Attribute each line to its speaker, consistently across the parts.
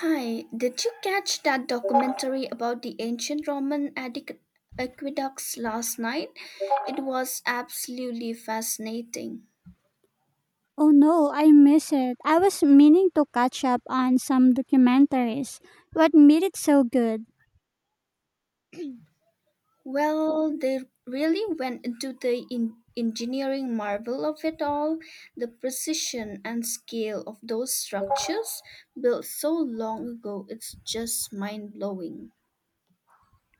Speaker 1: Hi, did you catch that documentary about the ancient Roman aqueducts last night? It was absolutely fascinating.
Speaker 2: Oh no, I miss it. I was meaning to catch up on some documentaries. What made it so good?
Speaker 1: Well, they really went into the engineering marvel of it all, the precision and scale of those structures built so long ago. It's just mind blowing.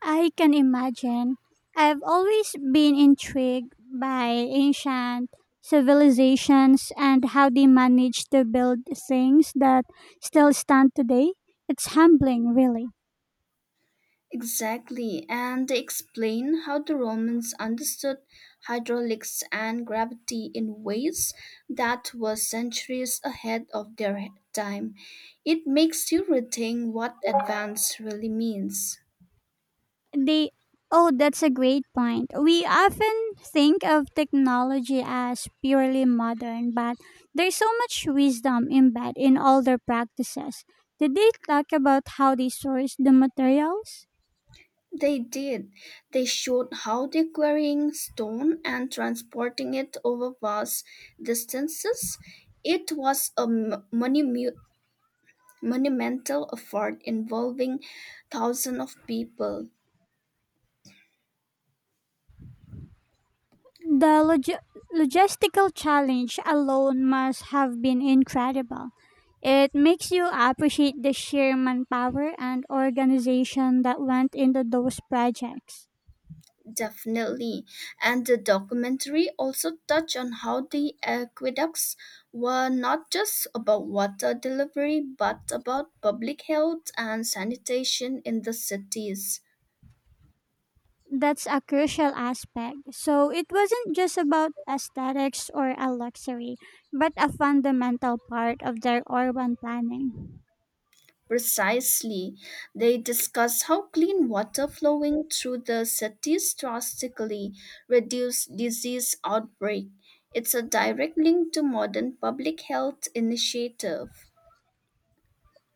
Speaker 2: I can imagine. I've always been intrigued by ancient civilizations and how they managed to build things that still stand today. It's humbling, really.
Speaker 1: Exactly, and they explain how the Romans understood hydraulics and gravity in ways that were centuries ahead of their time. It makes you rethink what advance really means.
Speaker 2: They Oh, that's a great point. We often think of technology as purely modern, but there's so much wisdom embedded in all their practices. Did they talk about how they source the materials?
Speaker 1: They did. They showed how they're quarrying stone and transporting it over vast distances. It was a monumental effort involving thousands of people.
Speaker 2: The log- Logistical challenge alone must have been incredible. It makes you appreciate the sheer manpower and organization that went into those projects.
Speaker 1: Definitely. And the documentary also touched on how the aqueducts were not just about water delivery, but about public health and sanitation in the cities.
Speaker 2: That's a crucial aspect. So it wasn't just about aesthetics or a luxury, but a fundamental part of their urban planning.
Speaker 1: Precisely. They discussed how clean water flowing through the cities drastically reduced disease outbreak. It's a direct link to modern public health initiative.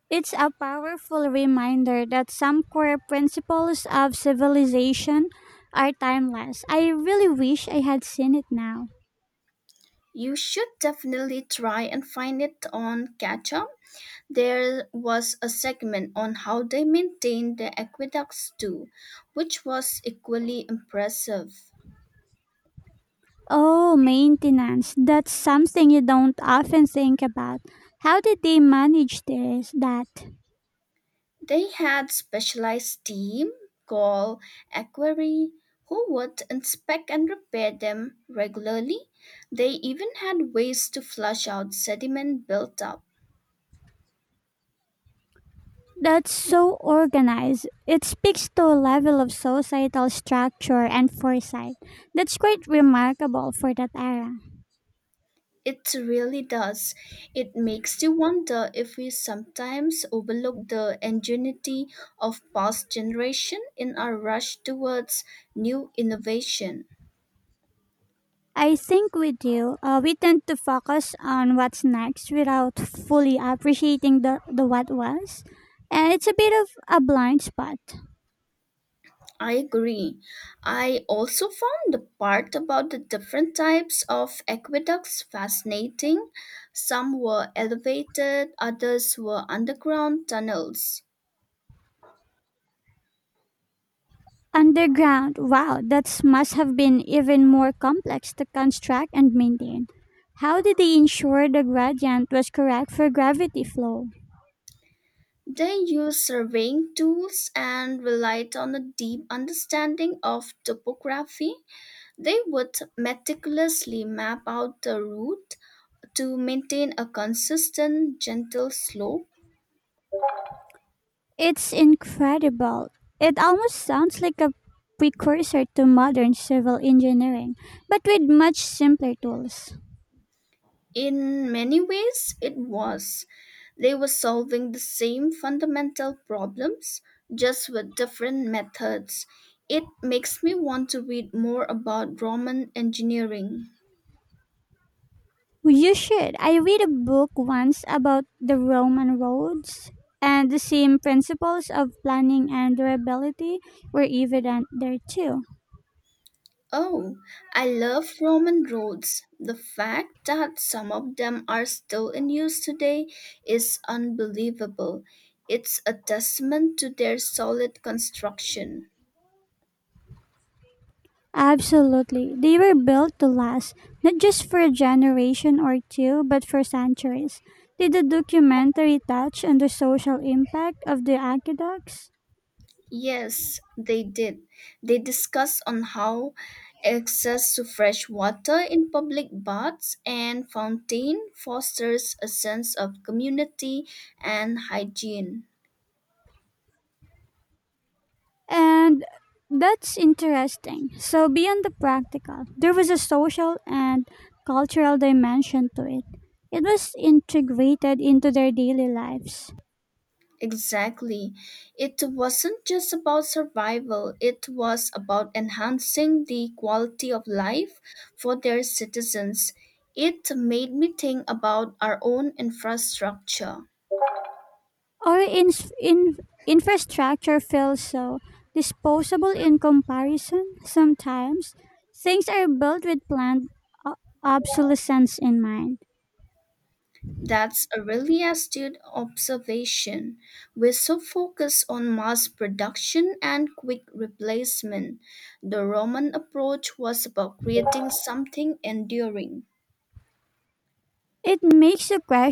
Speaker 2: It's a powerful reminder that some core principles of civilization are timeless. I really wish I had seen it now.
Speaker 1: You should definitely try and find it on Catch Up. There was a segment on how they maintained the aqueducts too, which was equally impressive.
Speaker 2: Oh, maintenance. That's something you don't often think about. How did they manage this that?
Speaker 1: They had specialized team called aquarii who would inspect and repair them regularly. They even had ways to flush out sediment built up.
Speaker 2: That's so organized. It speaks to a level of societal structure and foresight that's quite remarkable for that era.
Speaker 1: It really does. It makes you wonder if we sometimes overlook the ingenuity of past generation in our rush towards new innovation.
Speaker 2: I think we do. We tend to focus on what's next without fully appreciating the what was. And it's a bit of a blind spot.
Speaker 1: I agree. I also found the part about the different types of aqueducts fascinating. Some were elevated, others were underground tunnels.
Speaker 2: Underground, wow, that must have been even more complex to construct and maintain. How did they ensure the gradient was correct for gravity flow?
Speaker 1: They used surveying tools and relied on a deep understanding of topography. They would meticulously map out the route to maintain a consistent, gentle slope.
Speaker 2: It's incredible. It almost sounds like a precursor to modern civil engineering, but with much simpler tools.
Speaker 1: In many ways, it was. They were solving the same fundamental problems, just with different methods. It makes me want to read more about Roman engineering.
Speaker 2: You should. I read a book once about the Roman roads, and the same principles of planning and durability were evident there too.
Speaker 1: Oh, I love Roman roads. The fact that some of them are still in use today is unbelievable. It's a testament to their solid construction.
Speaker 2: Absolutely. They were built to last, not just for a generation or two, but for centuries. Did the documentary touch on the social impact of the aqueducts?
Speaker 1: Yes, they did. They discussed on how access to fresh water in public baths and fountain fosters a sense of community and hygiene.
Speaker 2: And that's interesting. So, beyond the practical, there was a social and cultural dimension to it. It was integrated into their daily lives.
Speaker 1: Exactly. It wasn't just about survival, it was about enhancing the quality of life for their citizens. It made me think about our own infrastructure.
Speaker 2: Our in, in, Infrastructure feels so disposable in comparison. Sometimes things are built with planned o- obsolescence in mind.
Speaker 1: That's a really astute observation. We're so focused on mass production and quick replacement. The Roman approach was about creating something enduring.
Speaker 2: It makes you question